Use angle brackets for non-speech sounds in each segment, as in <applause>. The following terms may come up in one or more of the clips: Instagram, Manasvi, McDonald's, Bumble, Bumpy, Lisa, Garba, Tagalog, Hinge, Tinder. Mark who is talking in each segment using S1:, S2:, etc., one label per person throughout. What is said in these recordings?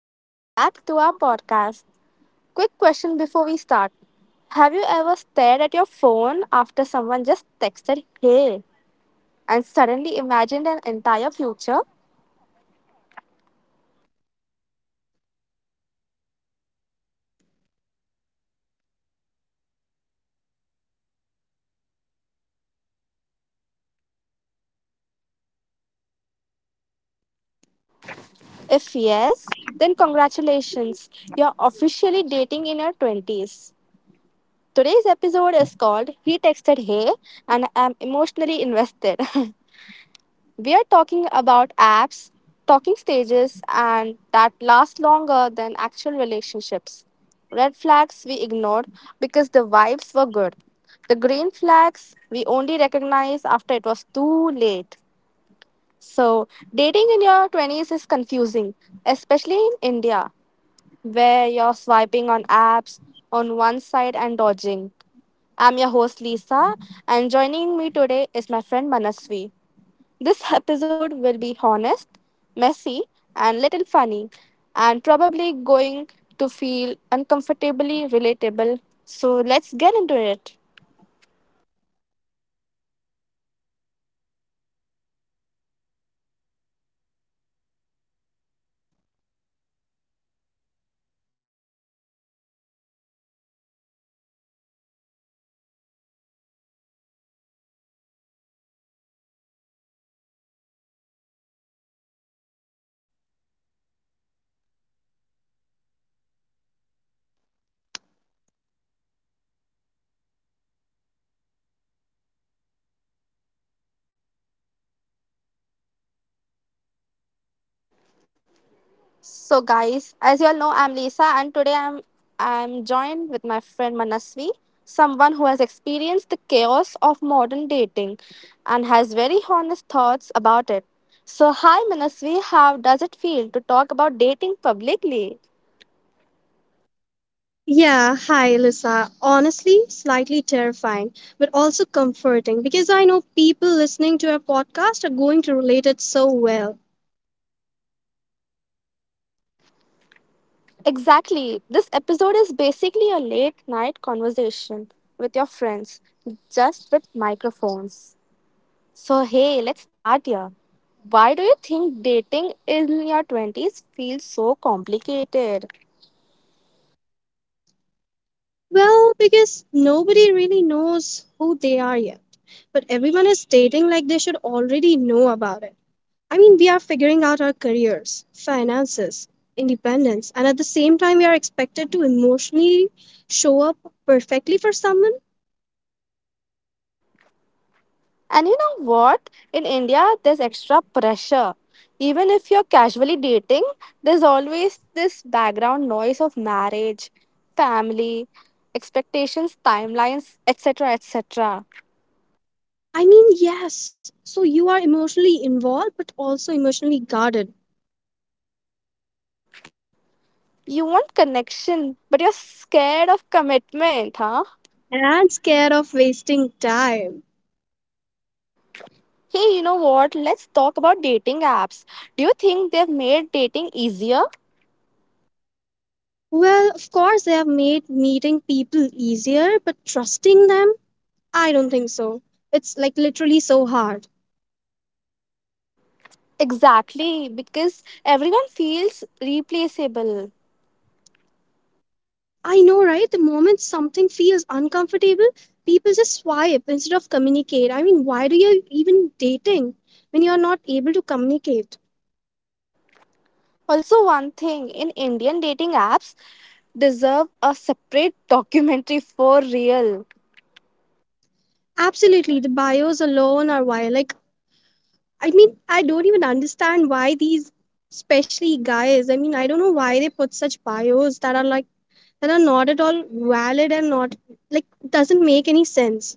S1: welcome back to our podcast. Quick question before we start. Have you ever stared at your phone after someone just texted hey and suddenly imagined an entire future? If yes, then congratulations, you're officially dating in your 20s. Today's episode is called He Texted Hey and I'm emotionally invested. <laughs> We are talking about apps, talking stages, and that last longer than actual relationships. Red flags we ignored because the vibes were good. The green flags we only recognize after it was too late. So, dating in your 20s is confusing, especially in India, where you're swiping on apps on one side and dodging. I'm your host Lisa, and joining me today is my friend Manasvi. This episode will be honest, messy, and little funny, and probably going to feel uncomfortably relatable. So let's get into it. So guys, as you all know, I'm Lisa, and today I'm joined with my friend Manasvi, someone who has experienced the chaos of modern dating and has very honest thoughts about it. So hi Manasvi, how does it feel to talk about dating publicly?
S2: Yeah, hi, Lisa. Honestly, slightly terrifying, but also comforting because I know people listening to our podcast are going to relate it so well.
S1: Exactly. This episode is basically a late night conversation with your friends, just with microphones. So, hey, let's start here. Why do you think dating in your 20s feels so complicated?
S2: Well, because nobody really knows who they are yet, but everyone is dating like they should already know about it. I mean, we are figuring out our careers, finances, independence, and at the same time, we are expected to emotionally show up perfectly for someone.
S1: And you know what? In India, there's extra pressure. Even if you're casually dating, there's always this background noise of marriage, family, expectations, timelines, etc. etc.
S2: I mean, yes. So you are emotionally involved, but also emotionally guarded
S1: You want connection, but you're scared of commitment, huh?
S2: and scared of wasting time.
S1: Hey, you know what? Let's talk about dating apps. Do you think they've made dating easier?
S2: Well, of course, they have made meeting people easier, but trusting them, I don't think so. It's like literally so hard.
S1: Exactly, because everyone feels replaceable.
S2: I know, right? The moment something feels uncomfortable, people just swipe instead of communicate. I mean, why do you even dating when you're not able to communicate?
S1: Also, one thing in Indian dating apps deserve a separate <laughs> documentary for real.
S2: Absolutely, the bios alone are why. Like, I mean, I don't even understand why these, especially guys, I mean, I don't know why they put such bios that are not at all valid and not, like, doesn't make any sense.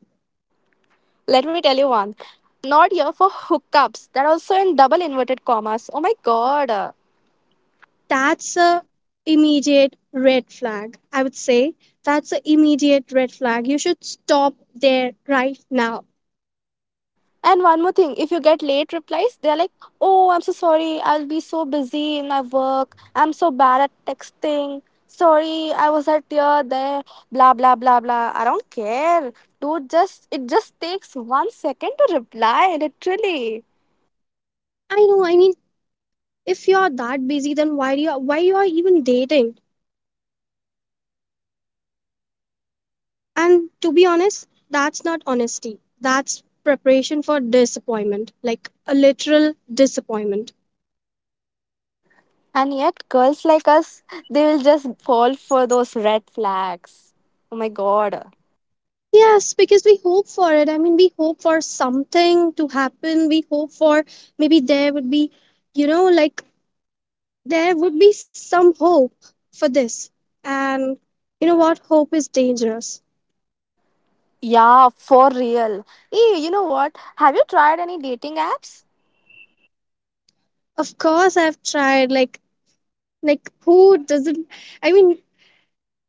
S1: Let me tell you one. Not here for hookups. That also in double inverted commas. Oh my god.
S2: That's a immediate red flag. I would say that's a immediate red flag. You should stop there right now.
S1: And one more thing, if you get late replies, they're like, oh, I'm so sorry. I'll be so busy in my work. I'm so bad at texting. Sorry, I was at here, there, blah, blah, blah, blah. I don't care. Dude, just, it just takes 1 second to reply, literally.
S2: I know, I mean, if you're that busy, then why you are even dating? And to be honest, that's not honesty. That's preparation for disappointment, like a literal disappointment.
S1: And yet, girls like us, they will just fall for those red flags. Oh my god.
S2: Yes, because we hope for it. I mean, we hope for something to happen. We hope for Maybe there would be, like there would be some hope for this. And you know what? Hope is dangerous.
S1: Yeah, for real. Hey, you know what? Have you tried any dating apps?
S2: Of course, I've tried, like who doesn't? I mean,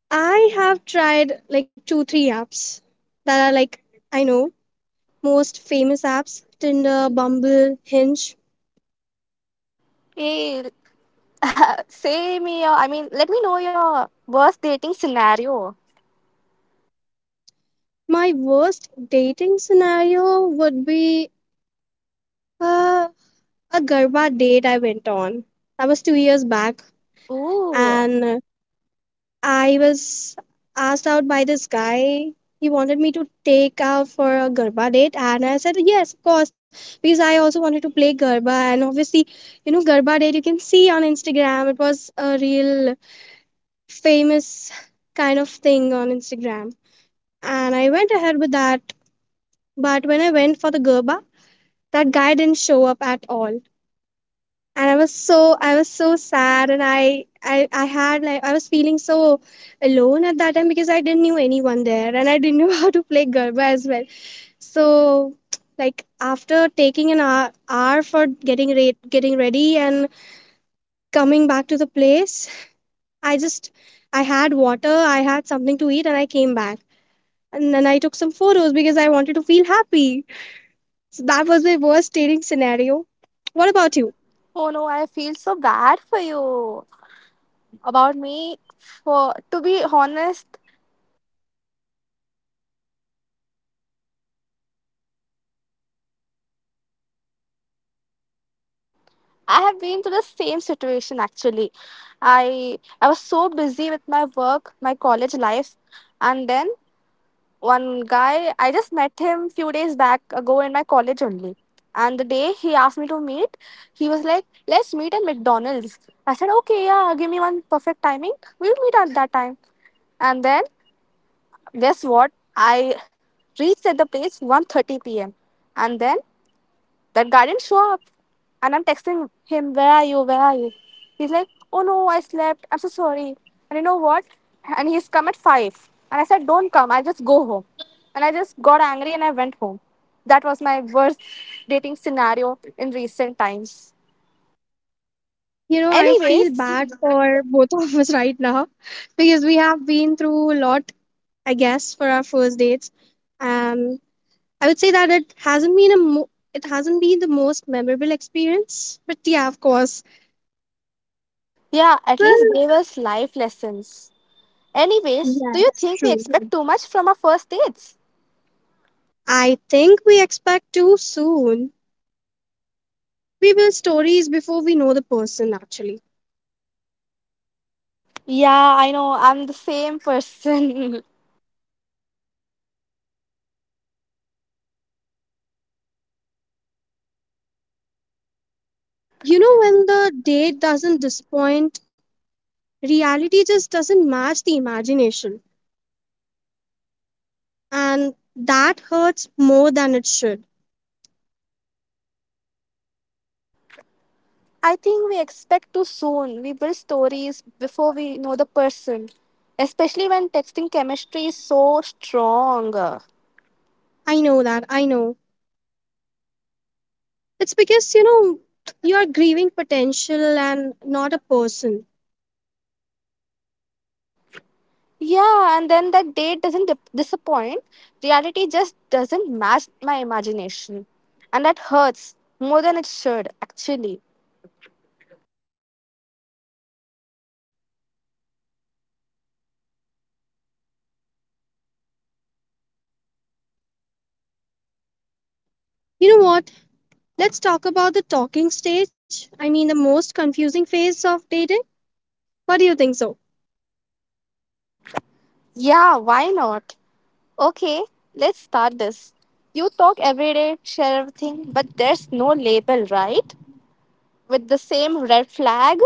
S2: I have tried like two, three apps that are like, I know, most famous apps: Tinder, Bumble, Hinge.
S1: Hey, <laughs> I mean, let me know your worst dating scenario.
S2: My worst dating scenario would be uh, a Garba date I went on. That was 2 years back, and
S1: Ooh.
S2: I was asked out by this guy. He wanted me to take out for a Garba date, and I said yes, of course, because I also wanted to play Garba. And obviously, you know, Garba date you can see on Instagram. It was a real famous kind of thing on Instagram. And I went ahead with that. But when I went for the Gerba, that guy didn't show up at all. And I was so sad, and I had like I was feeling so alone at that time because I didn't knew anyone there and I didn't <laughs> know how to play Gerba as well. So like after taking an hour for getting ready and coming back to the place, I just I had water, I had something to eat and I came back. And then I took some photos because I wanted to feel happy. So that was my worst dating scenario. What about you?
S1: Oh no, I feel so bad for you. About me, for to be honest, I have been to the same situation actually. I was so busy with my work, my college life, and then one guy, I just met him few days back ago in my college only. And the day he asked me to meet, he was like, let's meet at McDonald's. I said, okay, yeah, give me one perfect timing, we'll meet at that time. And then guess what? I reached at the place 1:30 p.m. And then that guy didn't show up. And I'm texting him, where are you? Where are you? He's like, oh no, I slept. I'm so sorry. And you know what? And he's come at 5. And I said, don't come. I'll just go home. And I just got angry and I went home. That was my worst dating scenario in recent times.
S2: You know, I feel
S1: Anyways,
S2: bad for both of us <laughs> right now because we have been through a lot, I guess, for our first dates. Um, I would say that it hasn't been the most memorable experience, but yeah, of course.
S1: yeah, at least
S2: Well,
S1: gave us life lessons. Anyways, do you
S2: yes,
S1: think we
S2: true.
S1: expect too much from our first dates?
S2: I think we expect too soon. We build stories before we know the person actually.
S1: Yeah, I know. I'm the same person. <laughs>
S2: You know, when the date doesn't disappoint. Reality just doesn't match the imagination, and that hurts more than it should.
S1: I think we expect too soon. We build stories before we know the person, especially when texting chemistry is so strong.
S2: I know that, I know. It's because, you know, you're grieving potential and not a person.
S1: Yeah, and then that date doesn't disappoint. Reality just doesn't match my imagination. And that hurts more than it should, actually.
S2: You know what? Let's talk about the talking stage. I mean, the most confusing phase of dating. What do you think so?
S1: Yeah, why not? Okay, let's start this. You talk every day, share everything, but there's no label, right? With the same red flag?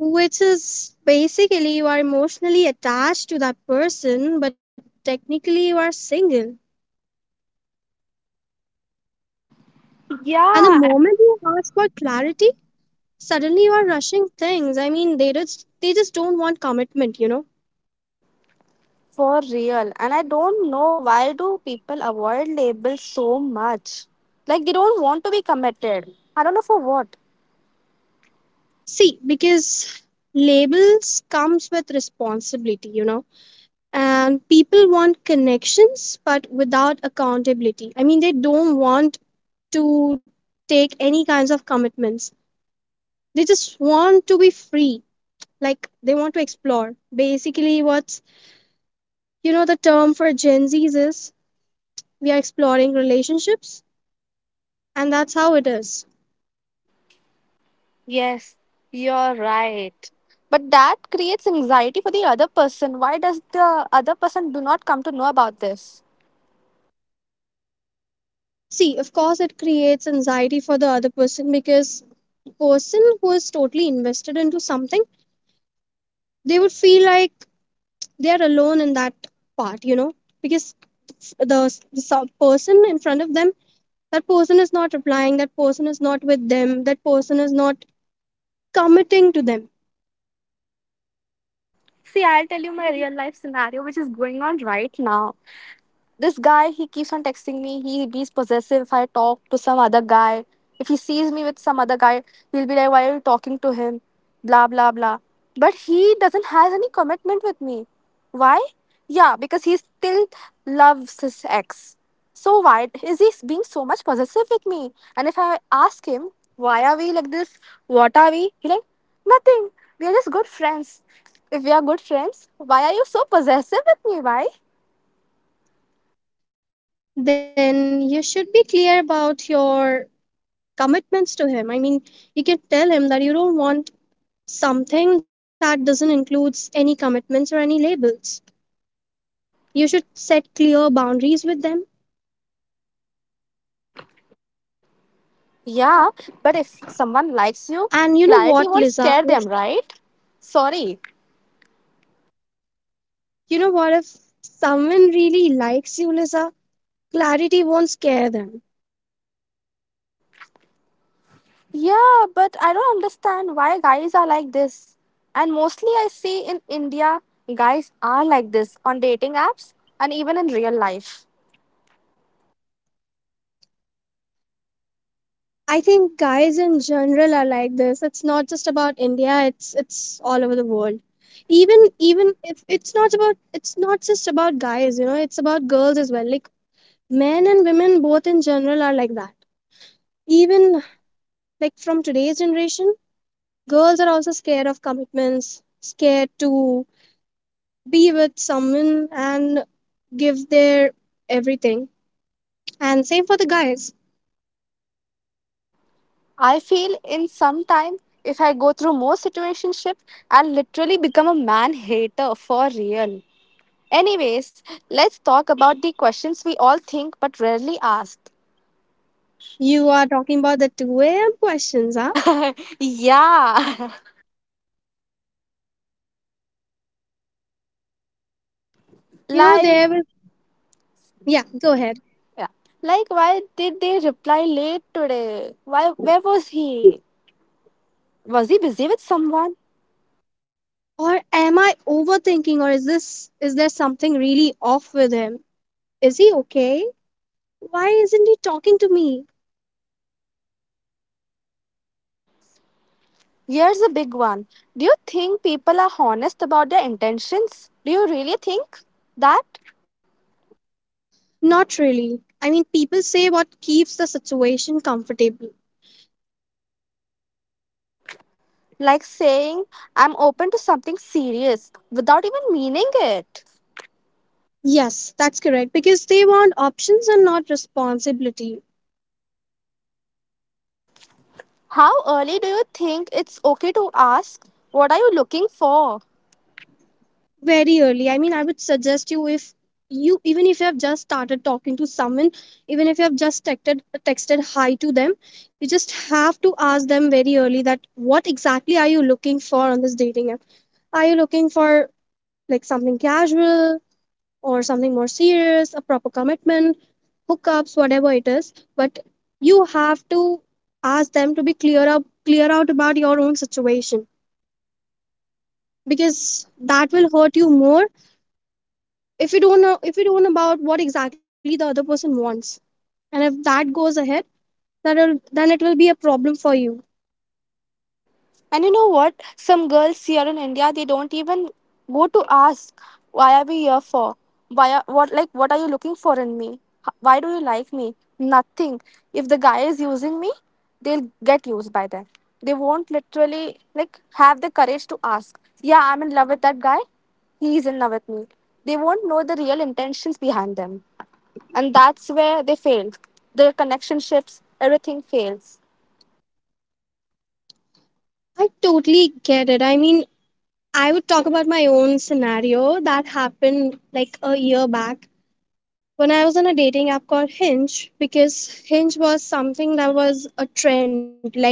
S2: Which is basically you are emotionally attached to that person, but technically you are single. And the
S1: Yeah,
S2: moment you ask for clarity, suddenly you are rushing things. I mean, they just don't want commitment.
S1: for real. And I don't know why do people avoid labels so much? Like they don't want to be committed. I don't know for what.
S2: See, because labels comes with responsibility. And people want connections but without accountability. I mean, they don't want to take any kinds of commitments. They just want to be free, like they want to explore basically what's, the term for Gen Z's is, we are exploring relationships, and that's how it is.
S1: Yes, you're right. But that creates anxiety for the other person. Why does the other person do not come to know about this?
S2: See, of course it creates anxiety for the other person, because person who is totally invested into something, they would feel like they are alone in that part. Because the person in front of them, that person is not replying, that person is not with them, that person is not committing to them.
S1: See, I'll tell you my real life scenario which is going on right now. This guy, he keeps on texting me, he be possessive if I talk to some other guy. If he sees me with some other guy, he'll be like, why are you talking to him, blah blah blah. But he doesn't has any commitment with me. Why? Yeah, because he still loves his ex. So why is he being so much possessive with me? And if I ask him, why are we like this, what are we, he like, nothing, we are just good friends. If we are good friends, why are you so possessive with me? Why?
S2: Then you should be clear about your commitments to him. I mean, you can tell him that you don't want something that doesn't includes any commitments or any labels. You should set clear boundaries with them.
S1: Yeah, but if someone likes you,
S2: And you know
S1: clarity
S2: what,
S1: won't
S2: Liza?
S1: scare them,
S2: If,
S1: right? Sorry.
S2: You know what? If someone really likes you, Liza, clarity won't scare them.
S1: Yeah, but I don't understand why guys are like this. And mostly I see in India, guys are like this on dating apps and even in real life.
S2: I think guys in general are like this. It's not just about India, it's all over the world. Even even if it's not just about guys, you know, it's about girls as well. Like men and women both in general are like that. Even like from today's generation, girls are also scared of commitments, scared to be with someone and give their everything. And same for the guys.
S1: I feel in some time, if I go through more situationships, I'll literally become a man hater for real. Anyways, let's talk about the questions we all think but rarely asked.
S2: You are talking about the 2 a.m. questions, huh?
S1: <laughs> Yeah. <laughs>
S2: You know,
S1: Like.
S2: yeah, go ahead.
S1: Yeah. Like, why did they reply late today? Why? Where was he? Was he busy with someone?
S2: Or am I overthinking, or is there something really off with him? Is he okay? Why isn't he talking to me?
S1: Here's a big one. Do you think people are honest about their intentions? Do you really think that?
S2: Not really. I mean, people say what keeps the situation comfortable.
S1: Like saying, I'm open to something serious without even meaning it.
S2: Yes, that's correct because they want options and not responsibility.
S1: How early do you think it's okay to ask, what are you looking for?
S2: Very early. I mean, I would suggest you, if you even if you have just started talking to someone, even if you have just texted hi to them, you just have to ask them very early that what exactly are you looking for on this dating app. Are you looking for like something casual, or something more serious, a proper commitment, hookups, whatever it is, but you have to ask them, to be clear out about your own situation, because that will hurt you more if you don't know about what exactly the other person wants. And if that goes ahead, that will then it will be a problem for you.
S1: And you know what? Some girls here in India, they don't even go to ask, why are we here for? What, like what are you looking for in me? Why do you like me? Nothing. If the guy is using me, they'll get used by them. They won't literally like have the courage to ask. Yeah, I'm in love with that guy. He's in love with me. They won't know the real intentions behind them, and that's where they failed. Their connectionships, everything fails.
S2: I totally get it. I mean, I would talk about my own scenario that happened like a year back, when I was on a dating app called Hinge, because Hinge was something that was a trend, like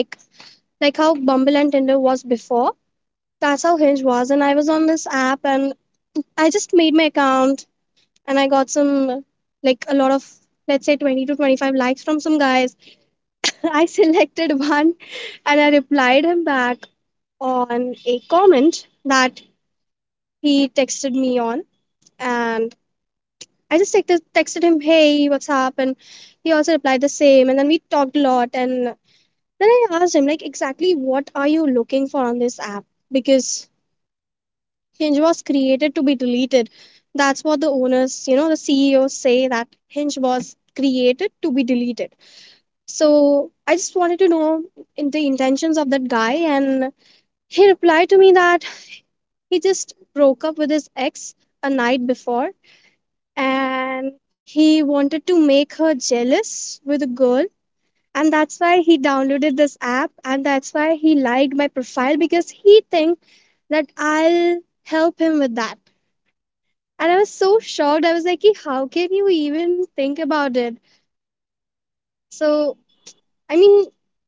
S2: like how Bumble and Tinder was before. That's how Hinge was, and I was on this app, and I just made my account, and I got some like a lot of, let's say, 20 to 25 likes from some guys. <laughs> I selected one and I replied him back on a comment that he texted me on, and I just texted him, hey, what's up? And he also replied the same. And then we talked a lot. And then I asked him, like, exactly what are you looking for on this app? Because Hinge was created to be deleted. That's what the owners, you know, the CEOs say, that Hinge was created to be deleted. So I just wanted to know in the intentions of that guy, and he replied to me that he just broke up with his ex a night before, and he wanted to make her jealous with a girl, and that's why he downloaded this app, and that's why he liked my profile because he think that I'll help him with that. And I was so shocked. I was like, "Ki, how can you even think about it?" So, I mean,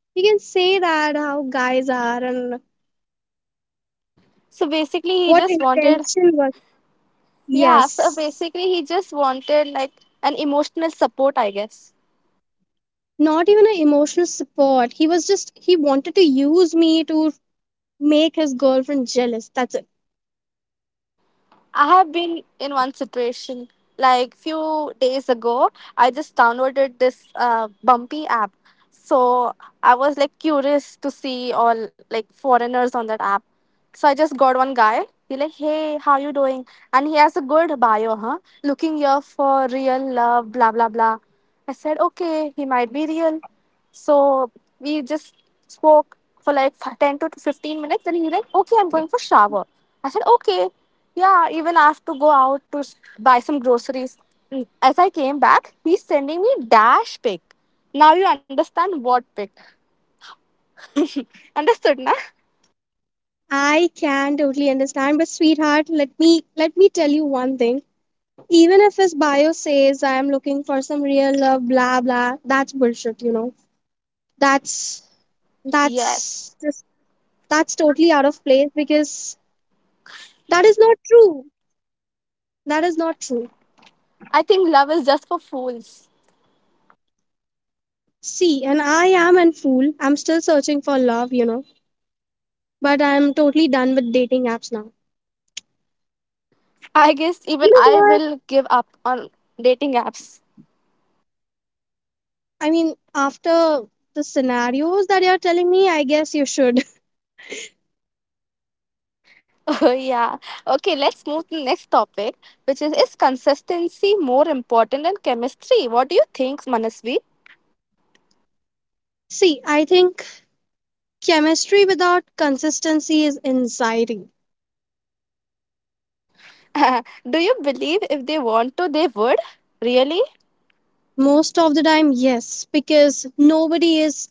S2: you can say that how guys are and
S1: So basically, he
S2: what
S1: just wanted.
S2: intention was.
S1: Yeah, so
S2: Yes,
S1: basically he just wanted like an emotional support, I guess.
S2: not even an emotional support. He wanted to use me to make his girlfriend jealous. That's it.
S1: I have been in one situation like few days ago. I just downloaded this Bumpy app. So I was like curious to see all like foreigners on that app. So I just got one guy. He like, hey, how you doing? And he has a good bio, huh? Looking here for real love, blah blah blah. I said, okay, he might be real. So we just spoke for like 10 to 15 minutes. And he's like, okay, I'm going for shower. I said, okay. Yeah, even I have to go out to buy some groceries. As I came back, he's sending me dash pic. Now you understand what pic. Understood, na?
S2: I can totally understand, but sweetheart, let me tell you one thing. Even if his bio says I am looking for some real love, blah blah, that's bullshit, you know. That's
S1: Yes.
S2: that's just That's totally out of place because that is not true. That is not true.
S1: I think love is just for fools.
S2: See, and I am an fool. I'm still searching for love, you know, but I'm totally done with dating apps now.
S1: I guess
S2: You
S1: even
S2: know
S1: I
S2: what?
S1: will give up on dating apps.
S2: I mean, after the scenarios that you're telling me, I guess you should.
S1: <laughs> Oh, yeah. Okay, let's move to the next topic, which is consistency more important than chemistry? What do you think, Manasvi?
S2: <laughs> See, I think chemistry without consistency is anxiety.
S1: <laughs> Do you believe if they want to, they would? Really?
S2: Most of the time, yes, because nobody is,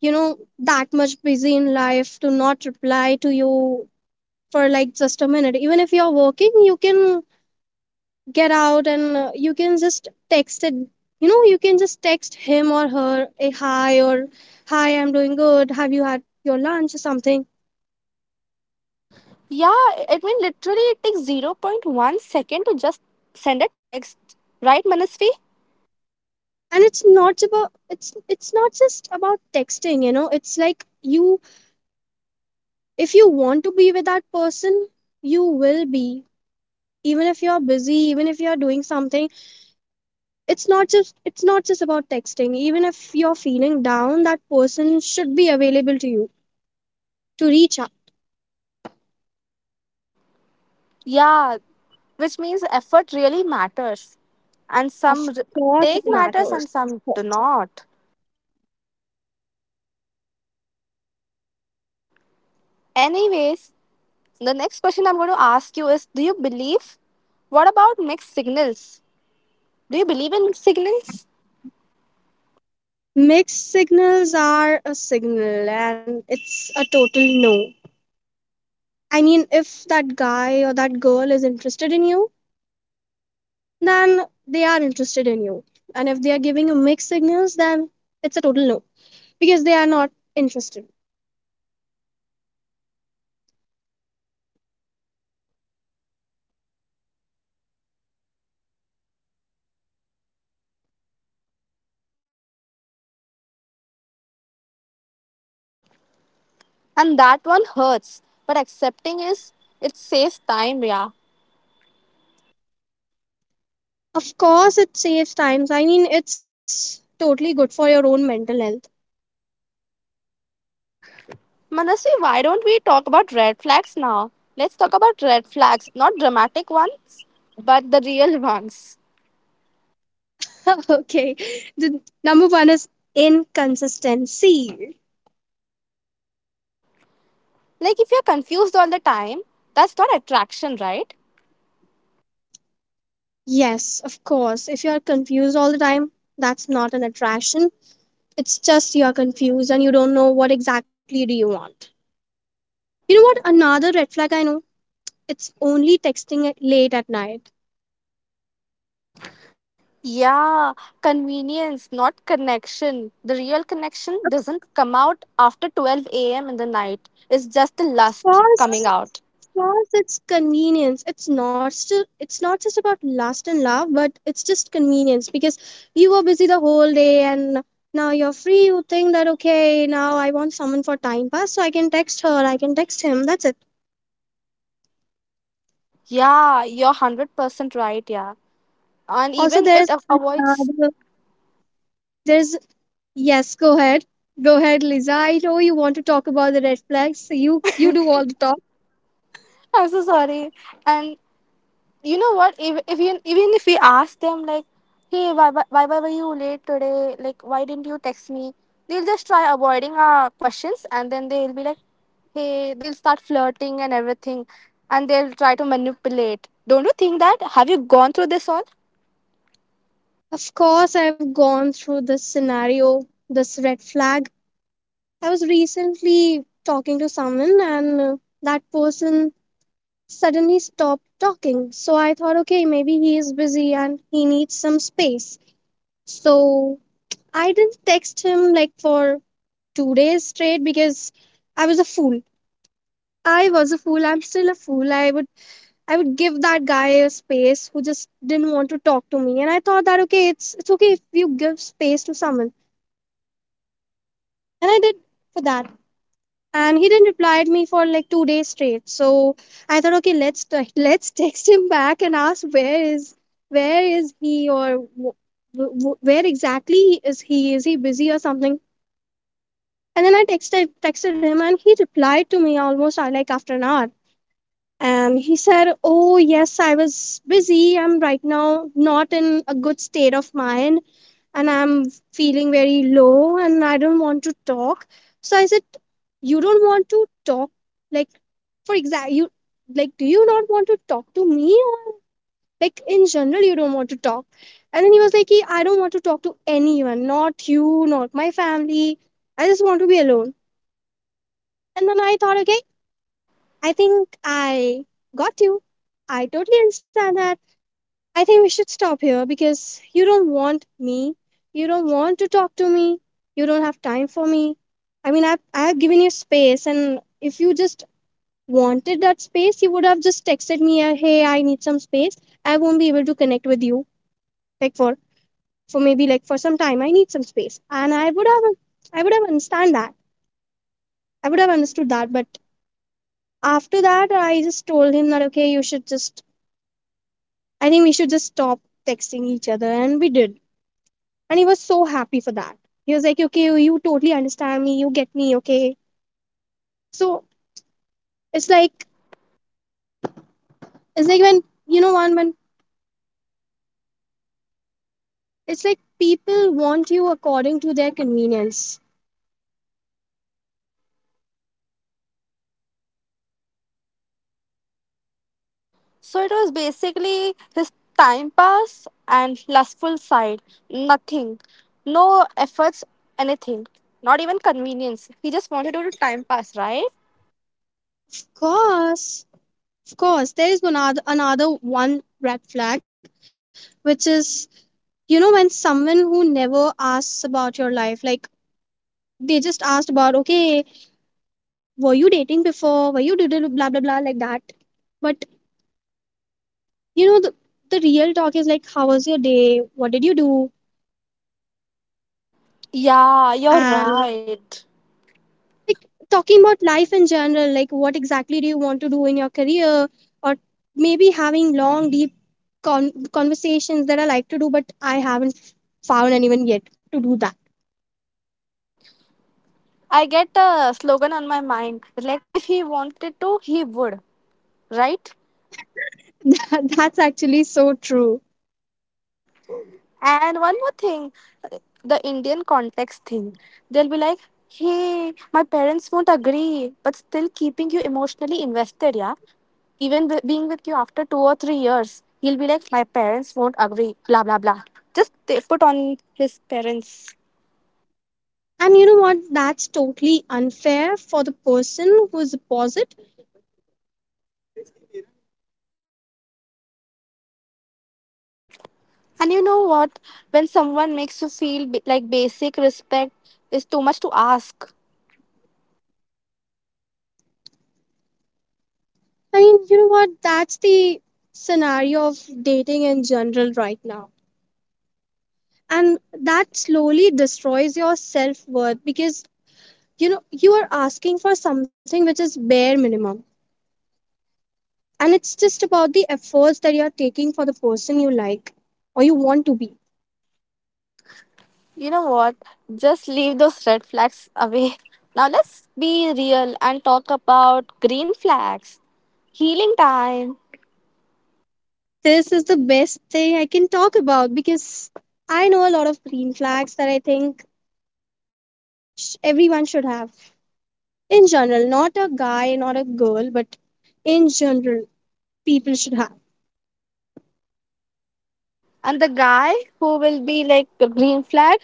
S2: that much busy in life to not reply to you for like just a minute. Even if you're working, you can get out, and you can just text it. You can just text him or her a hi, or hi, I'm doing good, have you had your lunch or something.
S1: Yeah, I mean, literally, it takes zero point 0.1 second to just send a text, right, Manasvi?
S2: And it's not just about texting, it's like, you if you want to be with that person, you will be. Even if you're busy, even if you're doing something, it's not just about texting. Even if you're feeling down, that person should be available to you to reach out.
S1: Yeah, which means effort really matters. And
S2: Of
S1: some
S2: course it
S1: take matters
S2: matters.
S1: and some do not. Anyways, the next question I'm going to ask you is, do you believe? What about mixed signals? Do you believe in mixed signals?
S2: Mixed signals are a signal, and it's a total no. I mean, if that guy or that girl is interested in you, then they are interested in you. And if they are giving you mixed signals, then it's a total no, because they are not interested.
S1: And that one hurts, but accepting is it saves time, yeah.
S2: Of course it saves times. I mean, it's totally good for your own mental health.
S1: Manasvi, why don't we talk about red flags now? Let's talk about red flags, not dramatic ones, but the real <laughs> ones.
S2: <laughs> Okay, the number one is inconsistency.
S1: Like if you're confused all the time, that's not attraction, right?
S2: Yes, of course. If you're confused all the time, that's not an attraction. It's just you're confused and you don't know what exactly do you want. You know what? Another red flag I know. It's only texting at late at night.
S1: Yeah, convenience, not connection. The real connection
S2: Of
S1: doesn't come out after 12 a.m. in the night. It's just the lust coming
S2: course,
S1: out.
S2: of course, it's convenience. It's not still. It's not just about lust and love, but it's just convenience, because you were busy the whole day, and now you're free. You think that, okay, now I want someone for time pass, so I can text her, I can text him. That's it.
S1: Yeah, you're 100% right. Yeah. And
S2: Also,
S1: even
S2: there's
S1: it avoids.
S2: There's yes, go ahead. Go ahead, Lisa. I know you want to talk about the red flags. So you do all the talk.
S1: I'm so sorry. And you know what, if you, even if we ask them like, hey, why were you late today, like why didn't you text me, they'll just try avoiding our questions and then they'll be like, hey, they'll start flirting and everything and they'll try to manipulate. Don't you think that? Have you gone through this all?
S2: Of course, I've gone through this scenario, this red flag. I was recently talking to someone, and that person suddenly stopped talking. So I thought, okay, maybe he is busy and he needs some space. So I didn't text him like for 2 days straight, because I was a fool. I was a fool. I'm still a fool. I would give that guy a space who just didn't want to talk to me. And I thought that, okay, it's okay if you give space to someone. And I did for that. And he didn't reply to me for like 2 days straight. So I thought, okay, <laughs> let's text him back and ask where is he or w- w- where exactly is he? Is he busy or something? And then I texted him, and he replied to me almost like after an hour. And he said, oh yes, I was busy, I'm right now not in a good state of mind, and I'm feeling very low and I don't want to talk. So I said, you don't want to talk, like, for example, you, like, do you not want to talk to me, or like in general you don't want to talk? And then he was like, "Ki, I don't want to talk to anyone, not you, not my family, I just want to be alone." And then I thought, okay, I think I got you, I totally understand that. I think we should stop here, because you don't want me. You don't want to talk to me. You don't have time for me. I mean, I've given you space, and if you just wanted that space, you would have just texted me, hey, I need some space. I won't be able to connect with you, like, for maybe like for some time. I need some space. And I would have understand that. I would have understood that. But after that, I just told him that, okay, I think we should just stop texting each other. And we did. And he was so happy for that. He was like, okay, you totally understand me. You get me. Okay. So it's like, it's like when, you know, when it's like people want you according to their convenience.
S1: So it was basically his time pass and lustful side, nothing, no efforts, anything, not even convenience, he just wanted to do time pass, right?
S2: Of course. Of course. There is one other, another one red flag, which is, you know, when someone who never asks about your life, like they just asked about, okay, were you dating before? Were you did Blah, blah, blah, like that. But, you know, the, the real talk is like, how was your day, what did you do?
S1: Yeah, you're
S2: And
S1: right.
S2: like, talking about life in general, like what exactly do you want to do in your career? Or maybe having long deep conversations that I like to do, but I haven't found anyone yet to do that.
S1: I get a slogan on my mind. Like, if he wanted to, he would, right?
S2: <laughs> That's actually so true.
S1: And one more thing, the Indian context thing. They'll be like, hey, my parents won't agree, but still keeping you emotionally invested, yeah? Even with, being with you after 2 or 3 years, he'll be like, my parents won't agree, blah, blah, blah. Just they put on his parents.
S2: And you know what, that's totally unfair for the person who's opposite.
S1: And you know what? When someone makes you feel like basic respect is too much to ask,
S2: I mean, you know what, that's the scenario of dating in general right now. And that slowly destroys your self-worth, because you know you are asking for something which is bare minimum, and it's just about the efforts that you are taking for the person you like or you want to be.
S1: you know what? Just leave those red flags away. <laughs> Now let's be real and talk about green flags, healing time.
S2: This is the best thing I can talk about, because I know a lot of green flags that I think everyone should have. In general, not a guy, not a girl, but in general, people should have.
S1: And the guy who will be like a green flag,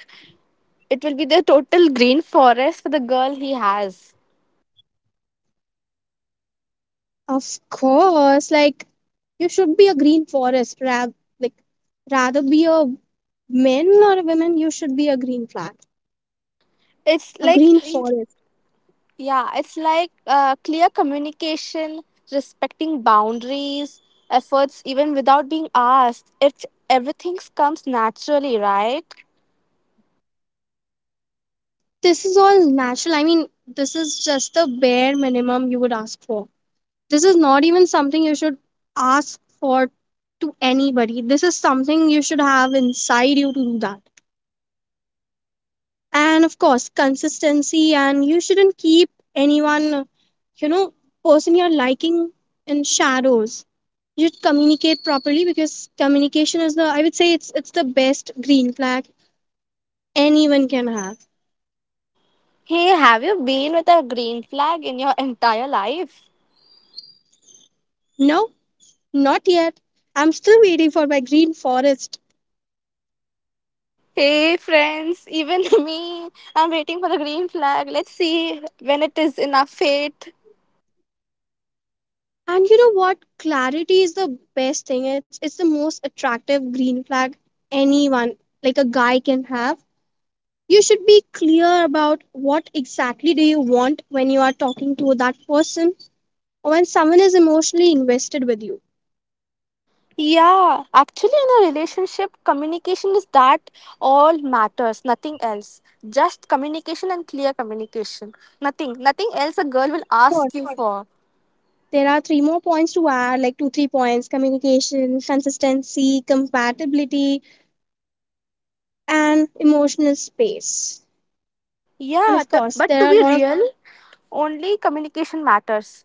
S1: it will be the total green forest for the girl he has.
S2: Of course, like, you should be a green forest. Rather, like, rather be a men or a women, you should be a green flag.
S1: It's
S2: A
S1: like
S2: green forest.
S1: yeah, it's like clear communication, respecting boundaries, efforts even without being asked. It everything comes naturally, right?
S2: This is all natural. I mean, this is just the bare minimum you would ask for. This is not even something you should ask for to anybody. This is something you should have inside you to do that. And of course, consistency, and you shouldn't keep anyone, you know, person you're liking, in shadows. You should communicate properly, because communication is the, I would say, it's the best green flag anyone can have.
S1: Hey, have you been with a green flag in your entire life?
S2: No, not yet. I'm still waiting for my green forest.
S1: Hey, friends, even <laughs> me, I'm waiting for the green flag. Let's see when it is in our fate.
S2: And you know what? Clarity is the best thing. It's the most attractive green flag anyone, like a guy, can have. You should be clear about what exactly do you want when you are talking to that person, or when someone is emotionally invested with you.
S1: Yeah, actually, in a relationship, communication is that all matters, nothing else. Just communication and clear communication. Nothing else a girl will
S2: Sure.
S1: ask you for.
S2: There are three more points to add, like two, three points: communication, consistency, compatibility, and emotional space. And
S1: Yeah,
S2: of course,
S1: but
S2: there
S1: to
S2: are a
S1: be
S2: lot.
S1: real, only communication matters.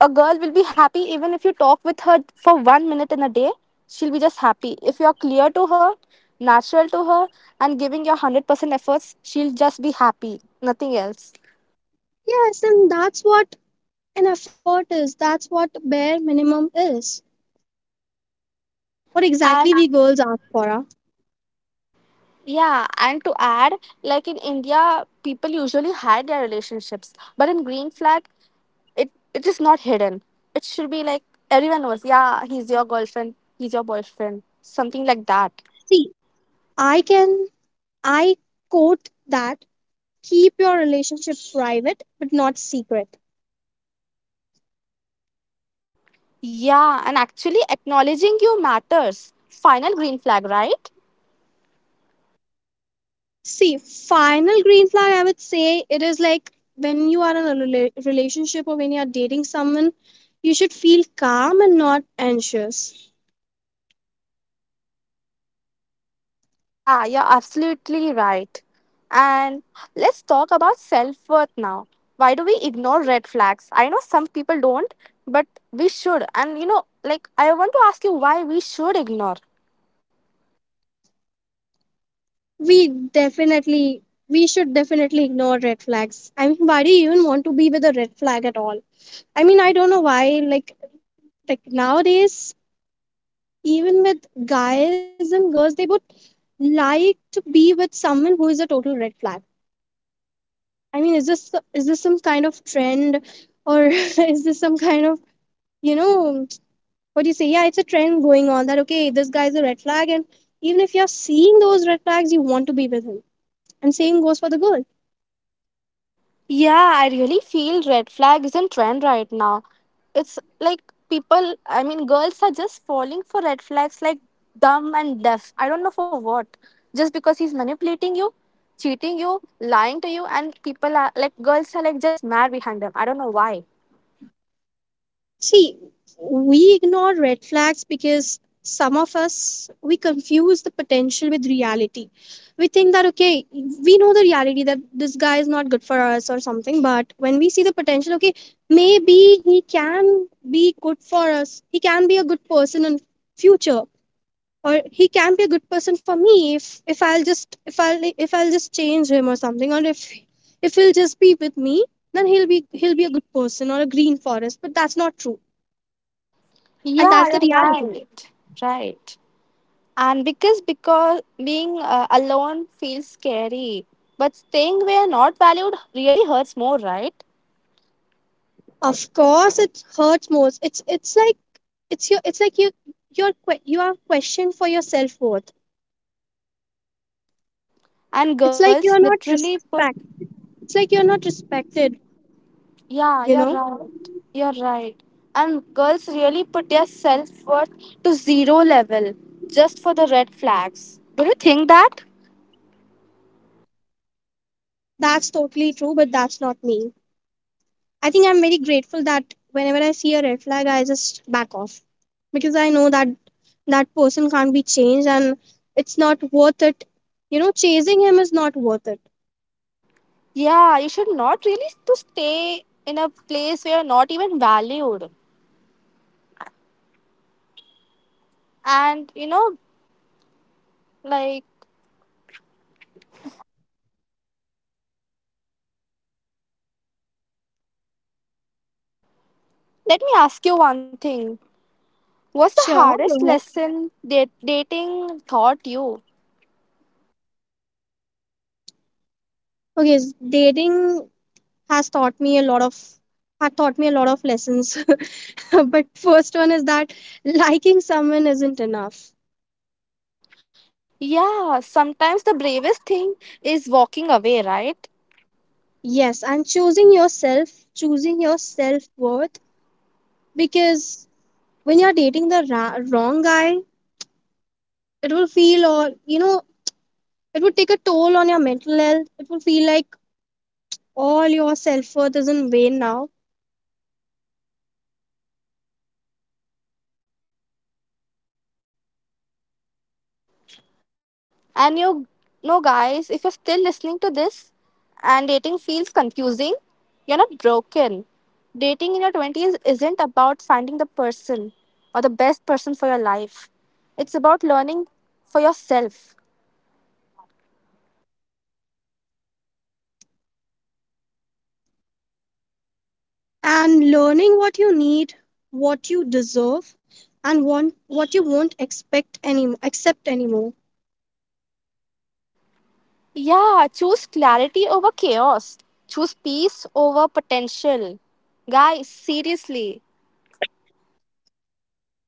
S1: A girl will be happy even if you talk with her for 1 minute in a day, she'll be just happy. If you're clear to her, natural to her, and giving your 100% efforts, she'll just be happy, nothing else.
S2: Yes, and that's what an effort is. That's what bare minimum is. What exactly
S1: And
S2: we girls ask for. Ah?
S1: yeah, and to add, like in India, people usually hide their relationships, but in Green Flag, it is not hidden. It should be like everyone knows. Yeah, he's your girlfriend. He's your boyfriend. Something like that.
S2: See, I can, I quote that, keep your relationship private but not secret.
S1: Yeah, and actually acknowledging you matters. Final green flag, right?
S2: See, final green flag, I would say it is like when you are in a relationship, or when you are dating someone, you should feel calm and not anxious.
S1: Yeah, you're absolutely right. And let's talk about self worth now. Why do we ignore red flags? I know some people don't, but we should. And you know, like, I want to ask you why we should ignore.
S2: We definitely, we should definitely ignore red flags. I mean, why do you even want to be with a red flag at all? I mean, I don't know why. Like nowadays, even with guys and girls, they would like to be with someone who is a total red flag. I mean, is this some kind of trend, or <laughs> is this some kind of, you know, what do you say? Yeah, it's a trend going on that, okay, this guy is a red flag, and even if you're seeing those red flags, you want to be with him. And same goes for the girl.
S1: Yeah, I really feel red flag is in trend right now. It's like people, I mean, girls are just falling for red flags like dumb and deaf. I don't know for what. Just because he's manipulating you, cheating you, lying to you, and people are like, girls are like just mad behind them. I don't know why.
S2: See, we ignore red flags because some of us we confuse the potential with reality. We think that, okay, we know the reality that this guy is not good for us or something, but when we see the potential, okay, maybe he can be good for us. He can be a good person in future, or he can be a good person for me if I'll just change him or something, or if he'll just be with me, then he'll be a good person or a green forest, but that's not true. And
S1: Yeah,
S2: that's the
S1: you're
S2: reality.
S1: right. Right. And because being alone feels scary, but staying where not valued really hurts more, right?
S2: Of course it hurts most. It's like, it's like you, you are questioned for your self-worth.
S1: And
S2: it's like
S1: girls
S2: you're not
S1: literally put
S2: respect it's like you're not respected,
S1: yeah,
S2: you
S1: you're
S2: know.
S1: right. You're right. And girls really put their self worth to zero level just for the red flags. Do you think that?
S2: That's totally true, but that's not me. I think I'm very grateful that whenever I see a red flag, I just back off, because I know that that person can't be changed, and it's not worth it. You know, chasing him is not worth it.
S1: Yeah, you should not really to stay in a place where you're not even valued. And you know, like, let me ask you one thing. What's the
S2: Sure,
S1: hardest
S2: go ahead.
S1: lesson that dating taught you?
S2: Dating has taught me a lot of had taught me a lot of lessons. <laughs> But first one is that liking someone isn't enough.
S1: Yeah, sometimes the bravest thing is walking away, right?
S2: Yes, and choosing yourself, choosing your self worth, because when you're dating the wrong guy, it will feel all, you know. It would take a toll on your mental health. It will feel like all your self worth is in vain now.
S1: And you know, guys, if you're still listening to this and dating feels confusing, you're not broken. Dating in your 20s isn't about finding the person or the best person for your life, it's about learning for yourself.
S2: And learning what you need, what you deserve, and want what you won't expect any accept anymore.
S1: Yeah, choose clarity over chaos, choose peace over potential. Guys, seriously. <laughs>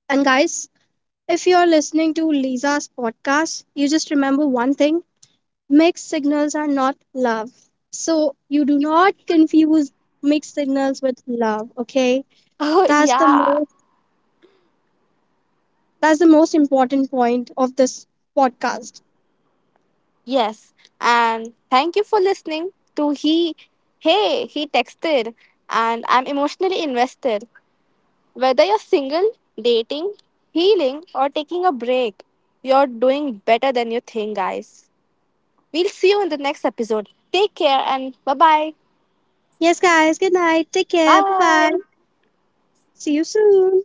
S2: And guys, if you're listening to Lisa's podcast, you just remember one thing: mixed signals are not love. So you do not confuse mixed signals with love, okay?
S1: Oh,
S2: That's the
S1: yeah.
S2: most that's the most important point of this podcast.
S1: Yes, and thank you for listening to He Hey He Texted and I'm emotionally invested. Whether you're single, dating, healing or taking a break, you're doing better than you think, guys. We'll see you in the next episode. Take care and bye-bye.
S2: Yes guys, good night. Take care. Bye-bye.
S1: Bye.
S2: See you soon.